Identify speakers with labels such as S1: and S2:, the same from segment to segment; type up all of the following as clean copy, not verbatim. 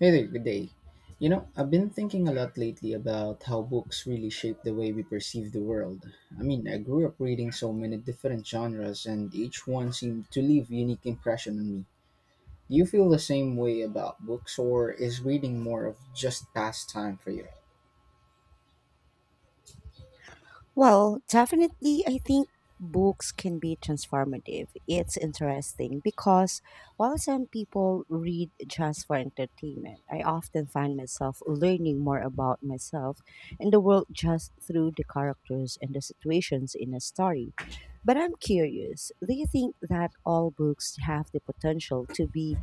S1: Hey there, good day. You know, I've been thinking a lot lately about how books really shape the way we perceive the world. I mean, I grew up reading so many different genres, and each one seemed to leave unique impression on me. Do you feel the same way about books, or is reading more of just pastime for you?
S2: Well, definitely, I think books can be transformative. It's interesting because while some people read just for entertainment, I often find myself learning more about myself and the world just through the characters and the situations in a story. But I'm curious, do you think that all books have the potential to be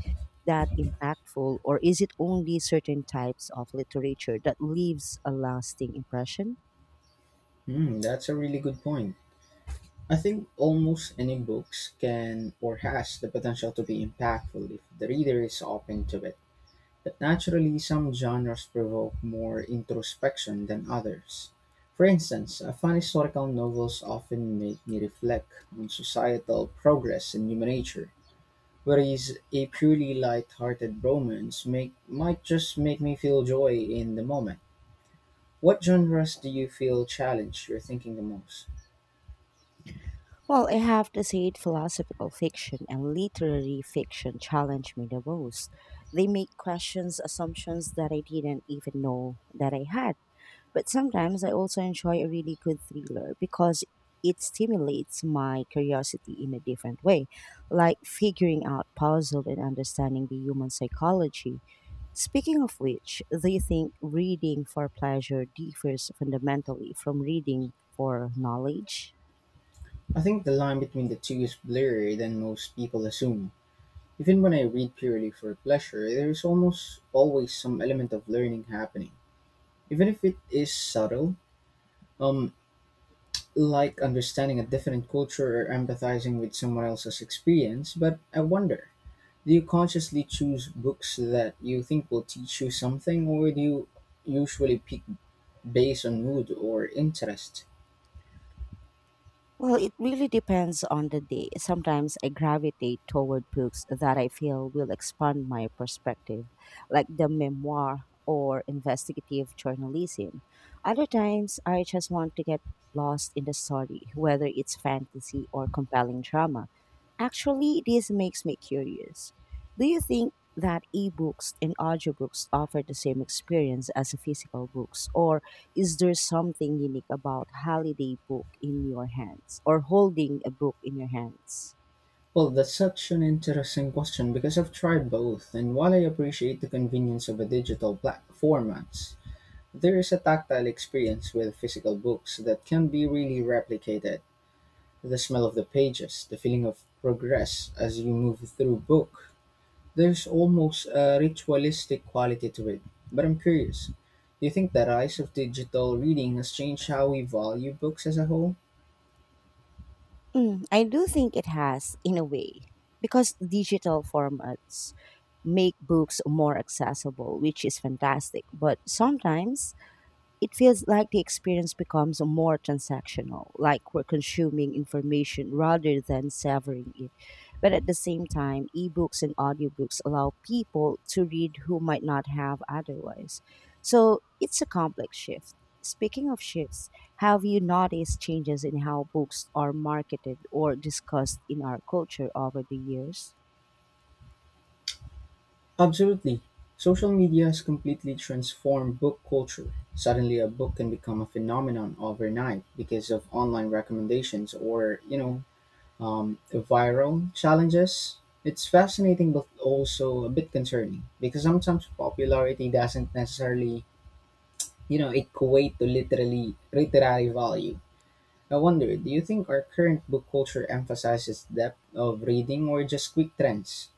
S2: that impactful, or is it only certain types of literature that leaves a lasting impression?
S1: Hmm, that's a really good point. I think almost any books can or has the potential to be impactful if the reader is open to it. But naturally some genres provoke more introspection than others. For instance, fun historical novels often make me reflect on societal progress and human nature, whereas a purely light-hearted might just make me feel joy in the moment. What genres do you feel challenged your thinking the most?
S2: Well, I have to say, it, philosophical fiction and literary fiction challenge me the most. They make questions, assumptions that I didn't even know that I had. But sometimes I also enjoy a really good thriller because it stimulates my curiosity in a different way, like figuring out puzzle and understanding the human psychology. Speaking of which, do you think reading for pleasure differs fundamentally from reading for knowledge?
S1: I think the line between the two is blurrier than most people assume. Even when I read purely for pleasure, there is almost always some element of learning happening, even if it is subtle, um, like understanding a different culture or empathizing with someone else's experience. But I wonder, do you consciously choose books that you think will teach you something, or do you usually pick based on mood or interest?
S2: Well, it really depends on the day. Sometimes I gravitate toward books that I feel will expand my perspective, like the memoir or investigative journalism. Other times, I just want to get lost in the story, whether it's fantasy or compelling drama. Actually, this makes me curious. Do you think that ebooks and audiobooks offer the same experience as physical books, or is there something unique about holiday book in your hands or holding a book in your hands?
S1: Well, that's such an interesting question because I've tried both, and while I appreciate the convenience of a formats, there is a tactile experience with physical books that can be really replicated, the smell of the pages, the feeling of progress as you move through book. There's almost a ritualistic quality to it. But I'm curious, do you think the rise of digital reading has changed how we value books as a whole?
S2: Mm, I do think it has in a way because digital formats make books more accessible, which is fantastic. But sometimes it feels like the experience becomes more transactional, like we're consuming information rather than savoring it. But at the same time, ebooks and audiobooks allow people to read who might not have otherwise. So it's a complex shift. Speaking of shifts, have you noticed changes in how books are marketed or discussed in our culture over the years?
S1: Absolutely. Social media has completely transformed book culture. Suddenly a book can become a phenomenon overnight because of online recommendations or, viral challenges. It's fascinating, but also a bit concerning because sometimes popularity doesn't necessarily equate to literally literary value. I wonder, do you think our current book culture emphasizes depth of reading or just quick trends?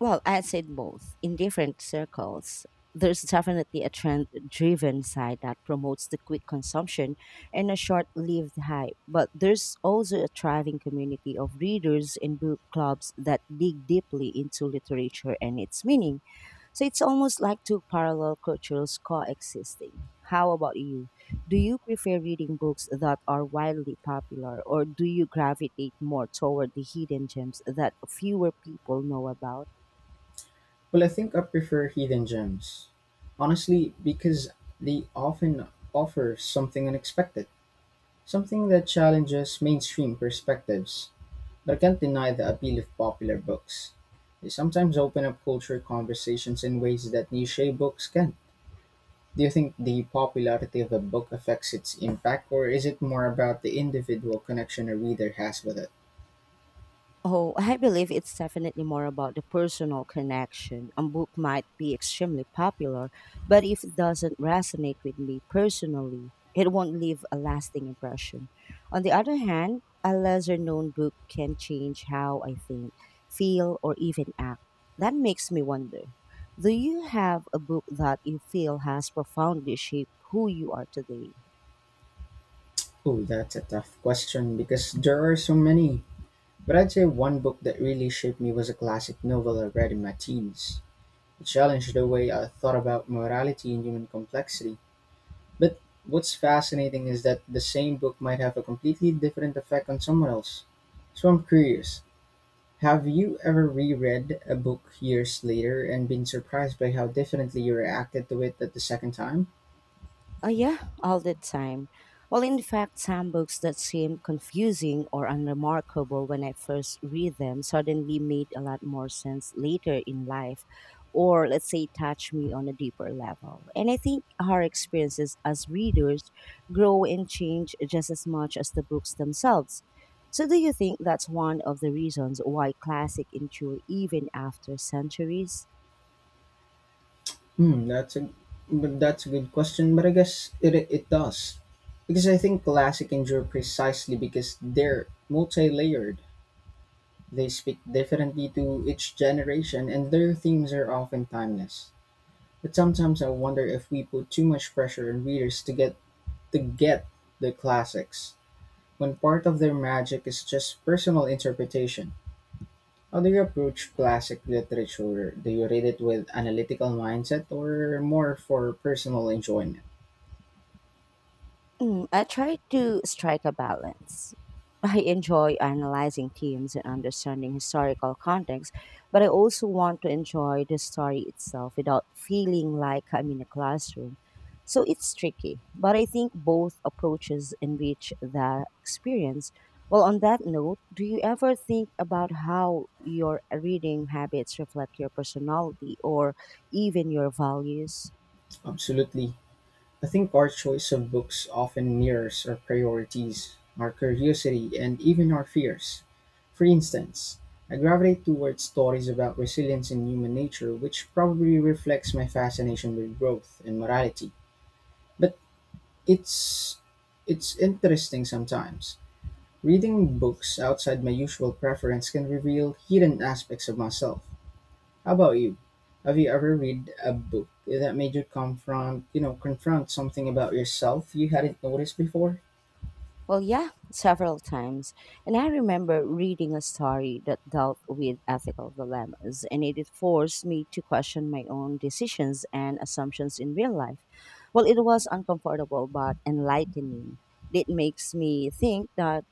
S2: Well, I'd say both. In different circles, there's definitely a trend driven side that promotes the quick consumption and a short lived hype. But there's also a thriving community of readers and book clubs that dig deeply into literature and its meaning. So it's almost like two parallel cultures coexisting. How about you? Do you prefer reading books that are widely popular, or do you gravitate more toward the hidden gems that fewer people know about?
S1: Well, I think I prefer hidden gems, honestly, because they often offer something unexpected, something that challenges mainstream perspectives. But I can't deny the appeal of popular books. They sometimes open up culture conversations in ways that niche books can. Do you think the popularity of a book affects its impact, or is it more about the individual connection a reader has with it?
S2: Oh, I believe it's definitely more about the personal connection. A book might be extremely popular, but if it doesn't resonate with me personally, it won't leave a lasting impression. On the other hand, a lesser known book can change how I think, feel, or even act. That makes me wonder, do you have a book that you feel has profoundly shaped who you are today?
S1: Oh, that's a tough question because there are so many. But I'd say one book that really shaped me was a classic novel I read in my teens. It challenged the way I thought about morality and human complexity. But what's fascinating is that the same book might have a completely different effect on someone else. So I'm curious, have you ever reread a book years later and been surprised by how differently you reacted to it at the second time?
S2: Oh, yeah, all the time. Well, in fact, some books that seemed confusing or unremarkable when I first read them suddenly made a lot more sense later in life, or let's say, touch me on a deeper level. And I think our experiences as readers grow and change just as much as the books themselves. So, do you think that's one of the reasons why classic endure even after centuries?
S1: Hmm, that's a but that's a good question, but I guess it does. Because I think classic endure precisely because they're multi-layered. They speak differently to each generation and their themes are often timeless. But sometimes I wonder if we put too much pressure on readers to get the classics, when part of their magic is just personal interpretation. How do you approach classic literature? Do you read it with analytical mindset or more for personal enjoyment?
S2: Mm, I try to strike a balance. I enjoy analyzing teams and understanding historical context, but I also want to enjoy the story itself without feeling like I'm in a classroom. So it's tricky, but I think both approaches enrich the experience. Well, on that note, do you ever think about how your reading habits reflect your personality or even your values?
S1: Absolutely. I think our choice of books often mirrors our priorities, our curiosity, and even our fears. For instance, I gravitate towards stories about resilience and human nature, which probably reflects my fascination with growth and morality. But it's it's interesting sometimes. Reading books outside my usual preference can reveal hidden aspects of myself. How about you? Have you ever read a book that made you confront something about yourself you hadn't noticed before?
S2: Well, yeah, several times. And I remember reading a story that dealt with ethical dilemmas, and it forced me to question my own decisions and assumptions in real life. Well, it was uncomfortable but enlightening. It makes me think that,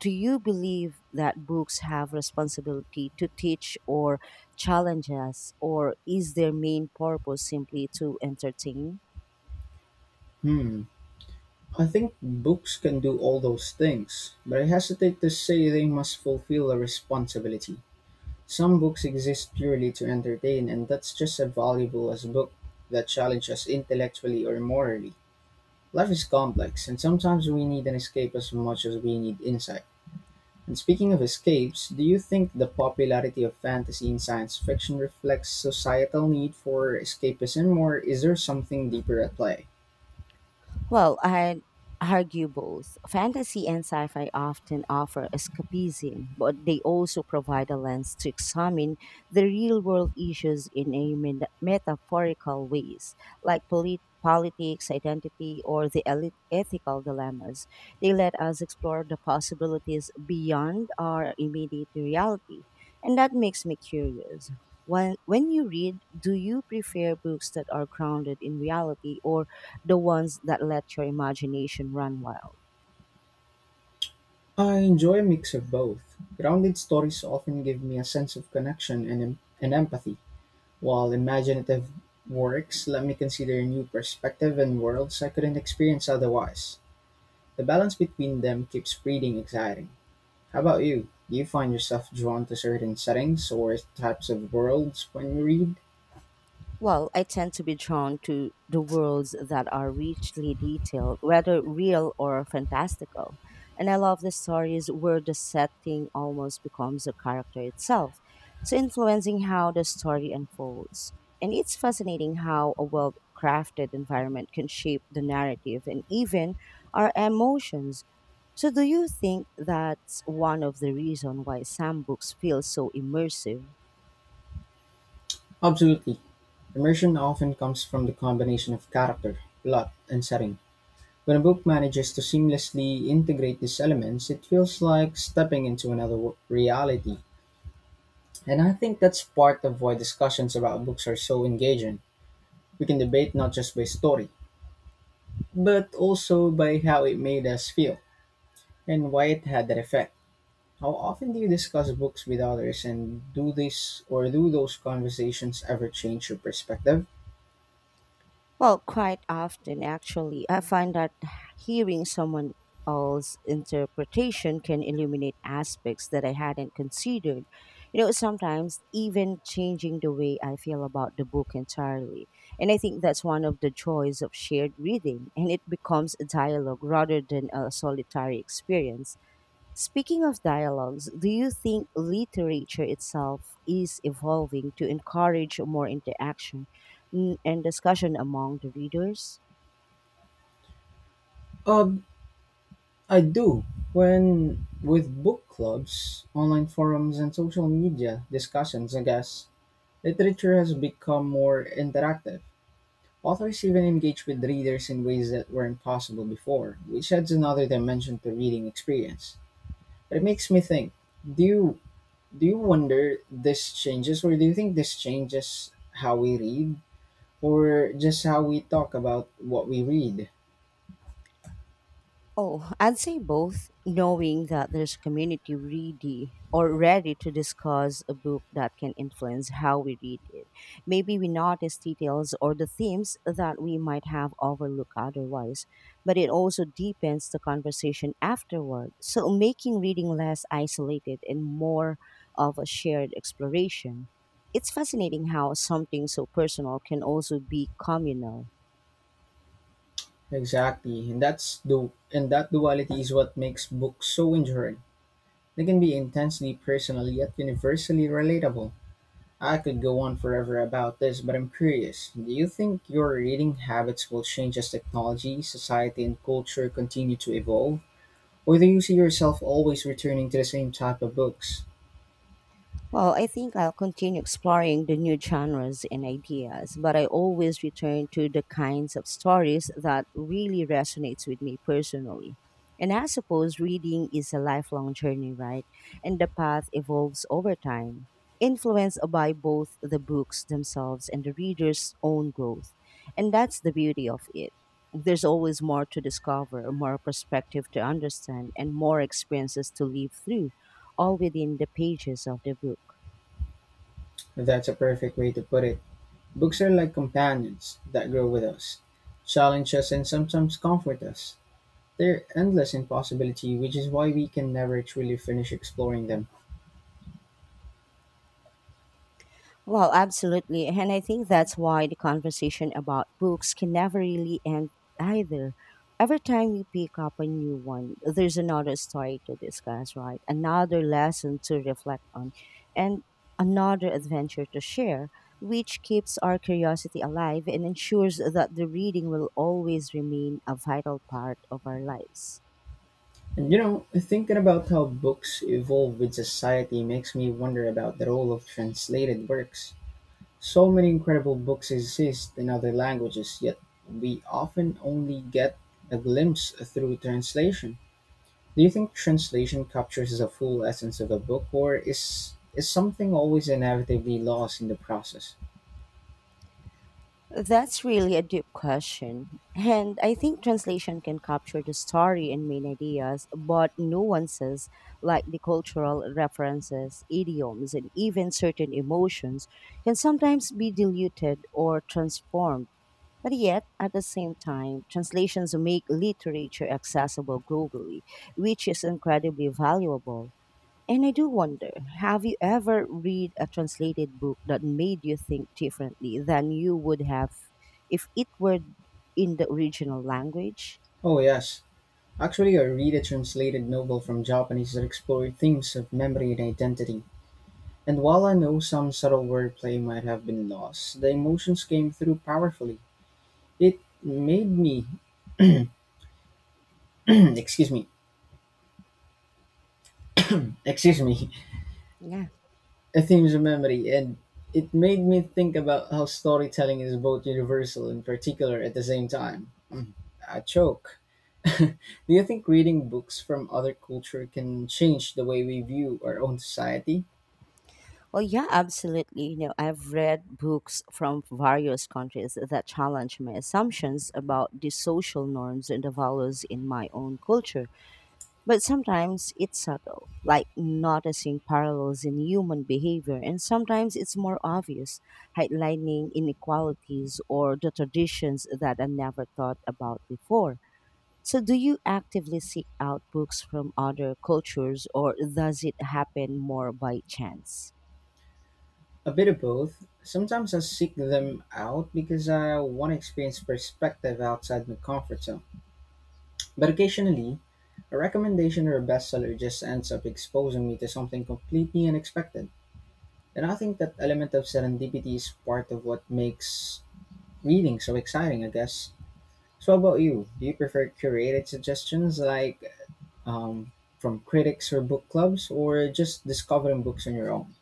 S2: do you believe that books have responsibility to teach or challenge us, or is their main purpose simply to entertain?
S1: Hmm. I think books can do all those things, but I hesitate to say they must fulfill a responsibility. Some books exist purely to entertain, and that's just as valuable as a book that challenges us intellectually or morally. Life is complex, and sometimes we need an escape as much as we need insight. And speaking of escapes, do you think the popularity of fantasy and science fiction reflects societal need for escapism, or is there something deeper at play?
S2: Well, I'd argue both. Fantasy and sci fi often offer escapism, but they also provide a lens to examine the real world issues in a metaphorical ways, like politics, identity, or the elite ethical dilemmas. They let us explore the possibilities beyond our immediate reality. And that makes me curious. When you read, do you prefer books that are grounded in reality or the ones that let your imagination run wild.
S1: I enjoy a mix of both. Grounded stories often give me a sense of connection and empathy, while imaginative works let me consider new perspective and worlds I couldn't experience otherwise. The balance between them keeps reading exciting. How about you? Do you find yourself drawn to certain settings or types of worlds when you read?
S2: Well, I tend to be drawn to the worlds that are richly detailed, whether real or fantastical. And I love the stories where the setting almost becomes a character itself, so influencing how the story unfolds. And it's fascinating how a well crafted environment can shape the narrative and even our emotions. So, do you think that's one of the reasons why some books feel so immersive?
S1: Absolutely. Immersion often comes from the combination of character, plot, and setting. When a book manages to seamlessly integrate these elements, it feels like stepping into another reality. And I think that's part of why discussions about books are so engaging. We can debate not just by story, but also by how it made us feel and why it had that effect. How often do you discuss books with others, and do this or do those conversations ever change your perspective?
S2: Well, quite often, actually. I find that hearing someone else's interpretation can illuminate aspects that I hadn't considered. You know, sometimes even changing the way I feel about the book entirely. And I think that's one of the joys of shared reading, and it becomes a dialogue rather than a solitary experience. Speaking of dialogues, do you think literature itself is evolving to encourage more interaction and discussion among the readers?
S1: Uh, I do, when with book clubs, online forums, and social media discussions, I guess. Literature has become more interactive. Authors even engage with readers in ways that weren't possible before, which adds another dimension to reading experience. But it makes me think, do you do you wonder this changes, or do you think this changes how we read or just how we talk about what we read?
S2: Oh, I'd say both, knowing that there's a community ready or ready to discuss a book that can influence how we read it. Maybe we notice details or the themes that we might have overlooked otherwise, but it also deepens the conversation afterward, so making reading less isolated and more of a shared exploration. It's fascinating how something so personal can also be communal.
S1: Exactly. And that duality is what makes books so enduring. They can be intensely personal yet universally relatable. I could go on forever about this, but I'm curious. Do you think your reading habits will change as technology, society, and culture continue to evolve? Or do you see yourself always returning to the same type of books?
S2: Well, I think I'll continue exploring the new genres and ideas, but I always return to the kinds of stories that really resonates with me personally. And I suppose reading is a lifelong journey, right? And the path evolves over time, influenced by both the books themselves and the reader's own growth. And that's the beauty of it. There's always more to discover, more perspective to understand, and more experiences to live through all within the pages of the book.
S1: That's a perfect way to put it. Books are like companions that grow with us, challenge us, and sometimes comfort us. They're endless in possibility, which is why we can never truly finish exploring them.
S2: Well, absolutely. And I think that's why the conversation about books can never really end either. Every time we pick up a new one, there's another story to discuss, right? Another lesson to reflect on, and another adventure to share, which keeps our curiosity alive and ensures that the reading will always remain a vital part of our lives.
S1: And you know, thinking about how books evolve with society makes me wonder about the role of translated works. So many incredible books exist in other languages, yet we often only get a glimpse through translation. Do you think translation captures the full essence of a book, or is something always inevitably lost in the process?
S2: That's really a deep question. And I think translation can capture the story and main ideas, but nuances like the cultural references, idioms, and even certain emotions can sometimes be diluted or transformed. But yet, at the same time, translations make literature accessible globally, which is incredibly valuable. And I do wonder, have you ever read a translated book that made you think differently than you would have if it were in the original language?
S1: Oh, yes. Actually, I read a translated novel from Japanese that explored themes of memory and identity. And while I know some subtle wordplay might have been lost, the emotions came through powerfully. It made me, excuse me, excuse me,
S2: Yeah.
S1: a themes of memory, and it made me think about how storytelling is both universal and particular at the same time. Mm, I choke. Do you think reading books from other culture can change the way we view our own society?
S2: Well, yeah, absolutely. You know, I've read books from various countries that challenge my assumptions about the social norms and the values in my own culture. But sometimes it's subtle, like noticing parallels in human behavior, and sometimes it's more obvious, highlighting inequalities or the traditions that I never thought about before. So, do you actively seek out books from other cultures, or does it happen more by chance?
S1: A bit of both. Sometimes I seek them out because I want to experience perspective outside my comfort zone. But occasionally, a recommendation or a bestseller just ends up exposing me to something completely unexpected. And I think that element of serendipity is part of what makes reading so exciting, I guess. So, how about you? Do you prefer curated suggestions like um, from critics or book clubs, or just discovering books on your own?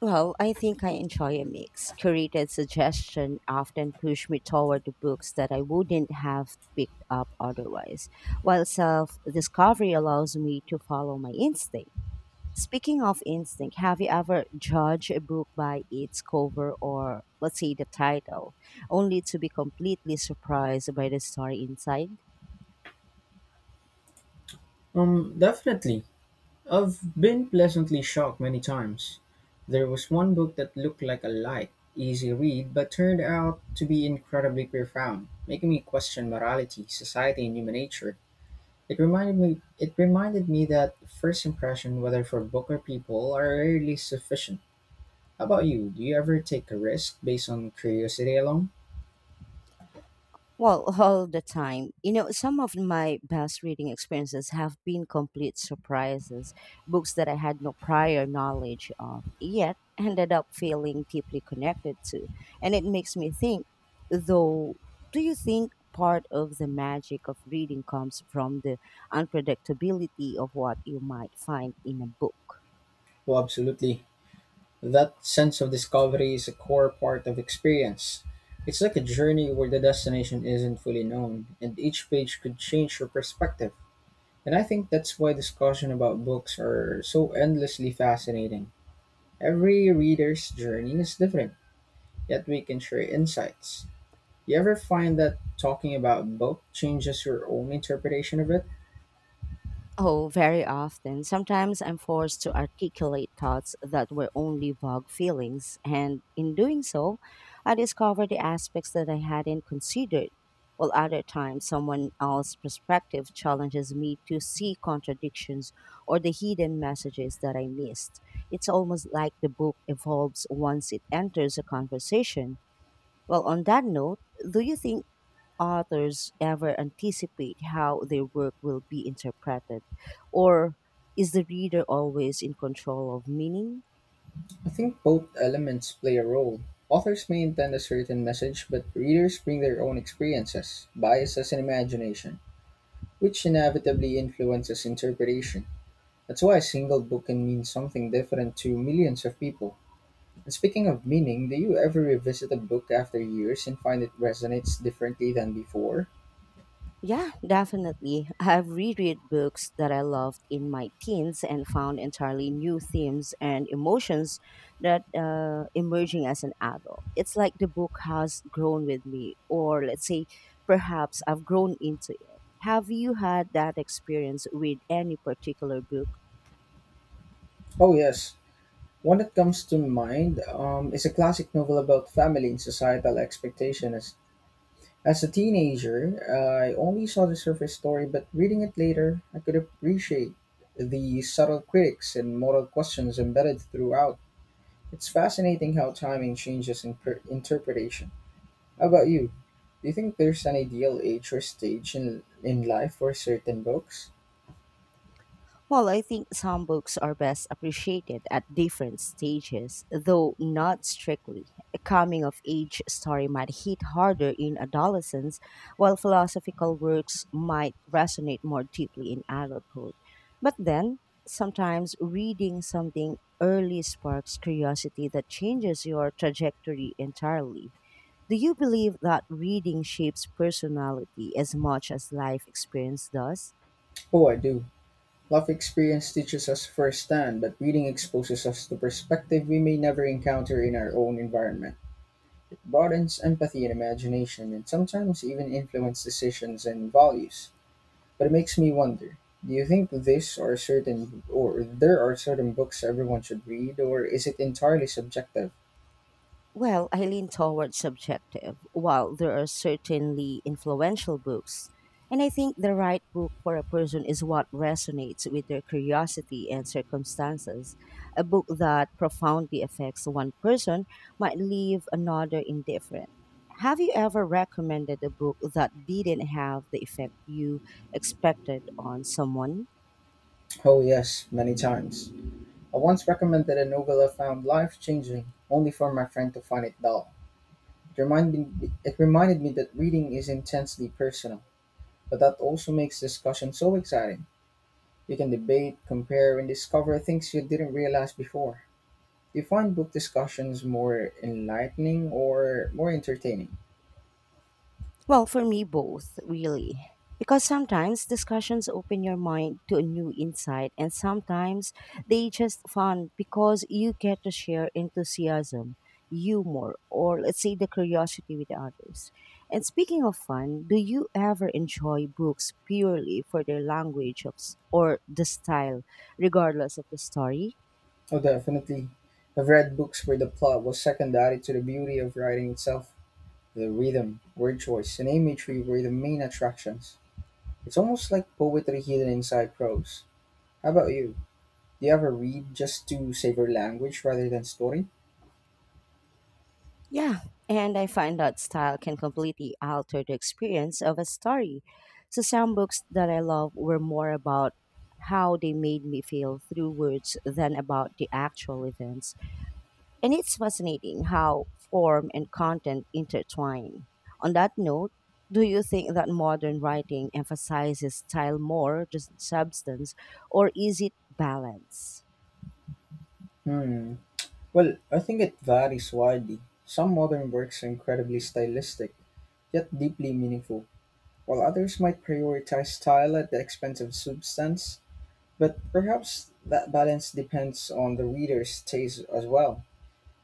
S2: Well, I think I enjoy a mix. Curated suggestion often push me toward the books that I wouldn't have picked up otherwise, while self discovery allows me to follow my instinct. Speaking of instinct, have you ever judged a book by its cover or, let's say, the title, only to be completely surprised by the story inside?
S1: Definitely. I've been pleasantly shocked many times. There was one book that looked like a light, easy read, but turned out to be incredibly profound, making me question morality, society, and human nature. It reminded me that first impression, whether for book or people, are rarely sufficient. How about you? Do you ever take a risk based on curiosity alone?
S2: Well, all the time. You know, some of my best reading experiences have been complete surprises, books that I had no prior knowledge of, yet ended up feeling deeply connected to. And it makes me think, though, do you think part of the magic of reading comes from the unpredictability of what you might find in a book?
S1: Oh, absolutely. That sense of discovery is a core part of experience. It's like a journey where the destination isn't fully known, and each page could change your perspective. And I think that's why discussion about books are so endlessly fascinating. Every reader's journey is different, yet we can share insights. You ever find that talking about book changes your own interpretation of it?
S2: Oh, very often. Sometimes I'm forced to articulate thoughts that were only vague feelings, and in doing so, I discover the aspects that I hadn't considered. While other times, someone else's perspective challenges me to see contradictions or the hidden messages that I missed. It's almost like the book evolves once it enters a conversation. Well, on that note, do you think authors ever anticipate how their work will be interpreted? Or is the reader always in control of meaning?
S1: I think both elements play a role. Authors may intend a certain message, but readers bring their own experiences, biases, and imagination, which inevitably influences interpretation. That's why a single book can mean something different to millions of people. And speaking of meaning, do you ever revisit a book after years and find it resonates differently than before?
S2: Yeah, definitely. I've reread books that I loved in my teens and found entirely new themes and emotions that emerging as an adult. It's like the book has grown with me, or let's say, perhaps I've grown into it. Have you had that experience with any particular book?
S1: Oh, yes. One that comes to mind is a classic novel about family and societal expectations. As a teenager, I only saw the surface story, but reading it later, I could appreciate the subtle critics and moral questions embedded throughout. It's fascinating how timing changes interpretation. How about you? Do you think there's an ideal age or stage in life for certain books?
S2: Well, I think some books are best appreciated at different stages, though not strictly. A coming of age story might hit harder in adolescence, while philosophical works might resonate more deeply in adulthood. But then, sometimes reading something early sparks curiosity that changes your trajectory entirely. Do you believe that reading shapes personality as much as life experience does?
S1: Oh, I do. Life experience teaches us firsthand, but reading exposes us to perspective we may never encounter in our own environment. Broadens empathy and imagination, and sometimes even influence decisions and values. But it makes me wonder: do you think this or certain or there are certain books everyone should read, or is it entirely subjective?
S2: Well, I lean towards subjective, while there are certainly influential books. And I think the right book for a person is what resonates with their curiosity and circumstances. A book that profoundly affects one person might leave another indifferent. Have you ever recommended a book that didn't have the effect you expected on someone?
S1: Oh yes, many times. I once recommended a novel I found life-changing, only for my friend to find it dull. It reminded it reminded me that reading is intensely personal, but that also makes discussion so exciting. You can debate, compare, and discover things you didn't realize before. Do you find book discussions more enlightening or more entertaining?
S2: Well, for me, both, really. Because sometimes discussions open your mind to a new insight, and sometimes they just fun because you get to share enthusiasm, humor, or let's say the curiosity with others. And speaking of fun, do you ever enjoy books purely for their or the style, regardless of the story?
S1: Oh, definitely. I've read books where the plot was secondary to the beauty of writing itself. The rhythm, word choice, and imagery were the main attractions. It's almost like poetry hidden inside prose. How about you? Do you ever read just to savor language rather than story?
S2: Yeah, and I find that style can completely alter the experience of a story. So, some books that I love were more about how they made me feel through words than about the actual events. And it's fascinating how form and content intertwine. On that note, do you think that modern writing emphasizes style more, just substance, or is it balance?
S1: Hmm. Well, I think it varies widely. Some modern works are incredibly stylistic, yet deeply meaningful while others might prioritize style at the expense of substance. But perhaps that balance depends on the reader's taste as well.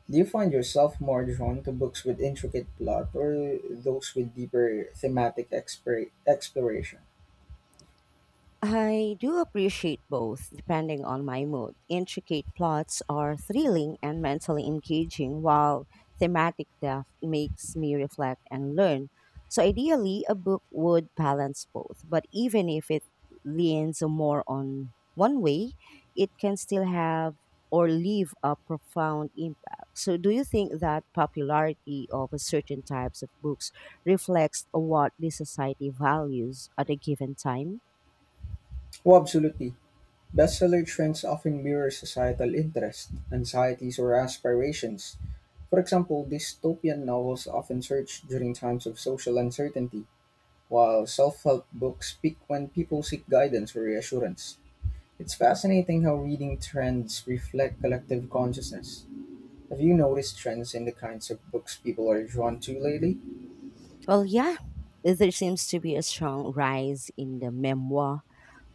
S1: Do you find yourself more drawn to books with intricate plot or those with deeper thematic exploration?
S2: I do appreciate both, depending on my mood. Intricate plots are thrilling and mentally engaging, while thematic depth makes me reflect and learn. So, ideally, a book would balance both, but even if it leans more on one way, it can still have or leave a profound impact. So, do you think that popularity of a certain types of books reflects what the society values at a given time?
S1: Oh, absolutely. Bestseller trends often mirror societal interests, anxieties, or aspirations. For example, dystopian novels often surge during times of social uncertainty. While self help books speak when people seek guidance or reassurance, it's fascinating how reading trends reflect collective consciousness. Have you noticed trends in the kinds of books people are drawn to lately?
S2: Well, yeah, there seems to be a strong rise in the memoir,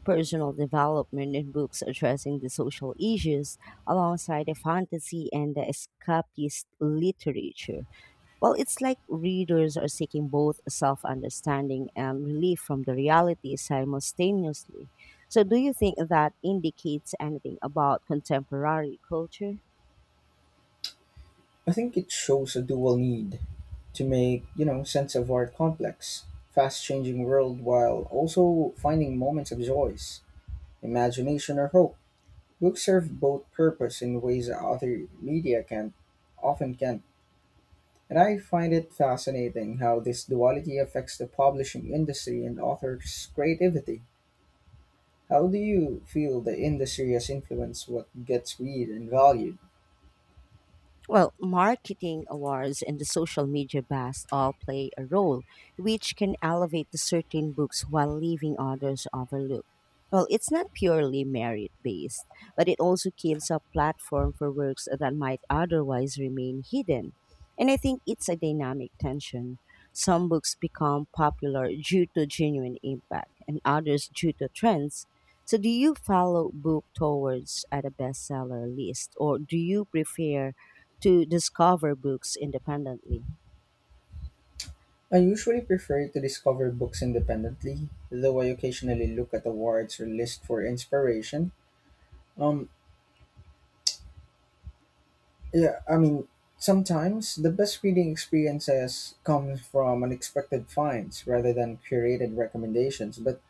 S2: personal development, and books addressing the social issues alongside the fantasy and the escapist literature. Well, it's like readers are seeking both self understanding and relief from the reality simultaneously. So, do you think that indicates anything about contemporary culture?
S1: I think it shows a dual need to make, you know, sense of our complex, fast changing world while also finding moments of joys, imagination, or hope. Books serve both purpose in ways that other media can often can't. And I find it fascinating how this duality affects the publishing industry and authors' creativity. How do you feel the industry has influenced what gets read and valued?
S2: Well, marketing awards and the social media buzz all play a role, which can elevate the certain books while leaving others overlooked. Well, it's not purely merit based, but it also gives a platform for works that might otherwise remain hidden. And I think it's a dynamic tension. Some books become popular due to genuine impact, and others due to trends. So, do you follow book towards at a bestseller list, or do you prefer to discover books independently?
S1: I usually prefer to discover books independently, though I occasionally look at awards or list for inspiration. Um, yeah, I mean, sometimes the best reading experiences come from unexpected finds rather than curated recommendations, but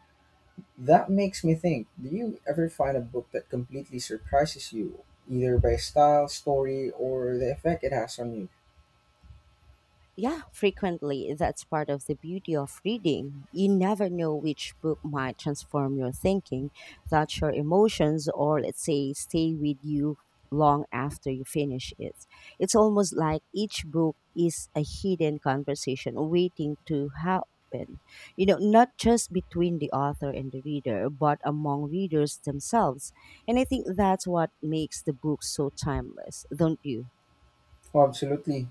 S1: that makes me think, do you ever find a book that completely surprises you, either by style, story, or the effect it has on you?
S2: Yeah, frequently. That's part of the beauty of reading. You never know which book might transform your thinking, touch your emotions, or let's say stay with you long after you finish it. It's almost like each book is a hidden conversation waiting to happen. You know, not just between the author and the reader, but among readers themselves. And I think that's what makes the book so timeless, don't you?
S1: Oh, absolutely.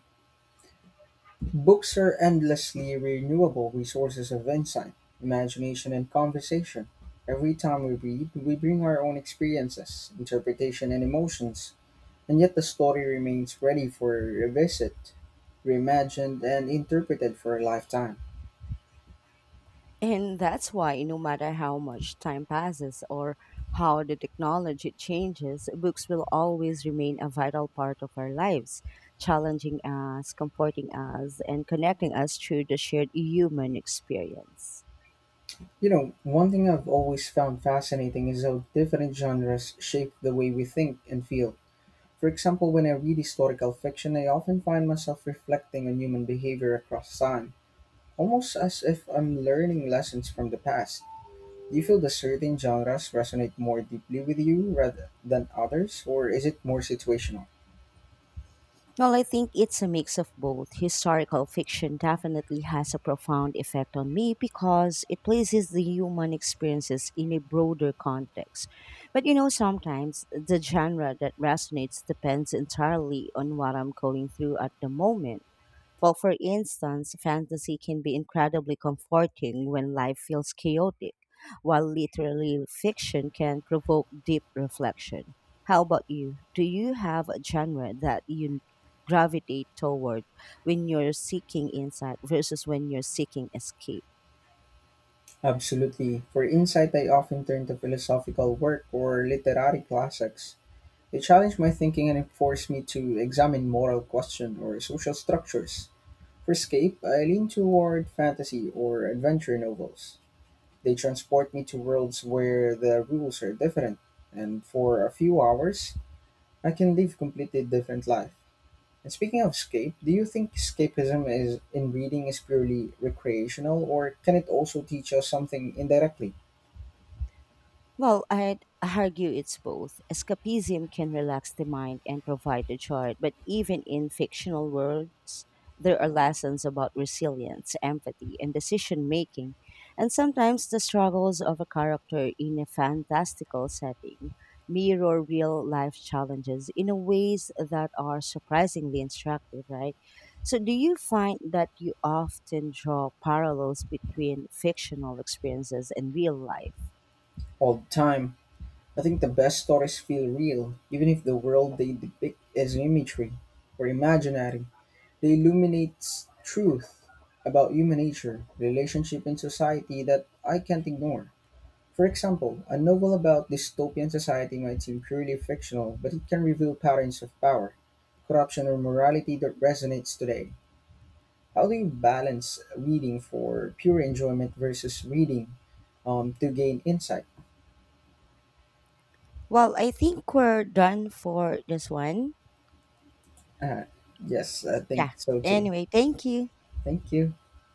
S1: Books are endlessly renewable resources of insight, imagination, and conversation. Every time we read, we bring our own experiences, interpretation, and emotions, and yet the story remains ready for revisit, reimagined, and interpreted for a lifetime.
S2: And that's why, no matter how much time passes or how the technology changes, books will always remain a vital part of our lives, challenging us, comforting us, and connecting us through the shared human experience.
S1: You know, one thing I've always found fascinating is how different genres shape the way we think and feel. For example, when I read historical fiction, I often find myself reflecting on human behavior across time, almost as if I'm learning lessons from the past. Do you feel the certain genres resonate more deeply with you rather than others, or is it more situational?
S2: Well, I think it's a mix of both. Historical fiction definitely has a profound effect on me because it places the human experiences in a broader context. But you know, sometimes the genre that resonates depends entirely on what I'm going through at the moment. Well, for instance, fantasy can be incredibly comforting when life feels chaotic, while literary fiction can provoke deep reflection. How about you? Do you have a genre that you gravitate toward when you're seeking insight versus when you're seeking escape?
S1: Absolutely. For insight, I often turn to philosophical work or literary classics. They challenge my thinking and force me to examine moral questions or social structures. For escape, I lean toward fantasy or adventure novels. They transport me to worlds where the rules are different, and for a few hours, I can live completely different life. And speaking of escape, do you think escapism is in reading is purely recreational, or can it also teach us something indirectly?
S2: Well, I'd argue it's both. Escapism can relax the mind and provide a joy, but even in fictional worlds, there are lessons about resilience, empathy, and decision making, and sometimes the struggles of a character in a fantastical setting mirror real life challenges in a ways that are surprisingly instructive, right? So do you find that you often draw parallels between fictional experiences and real life?
S1: All the time. I think the best stories feel real, even if the world they depict is imagery or imaginary. They illuminate truth about human nature, relationship, and society that I can't ignore. For example, a novel about dystopian society might seem purely fictional, but it can reveal patterns of power, corruption, or morality that resonates today. How do you balance reading for pure enjoyment versus reading to gain insight?
S2: Well, I think we're done for this one.
S1: Uh, yes, I think
S2: Yeah.
S1: so too.
S2: Anyway, thank you.
S1: Thank you.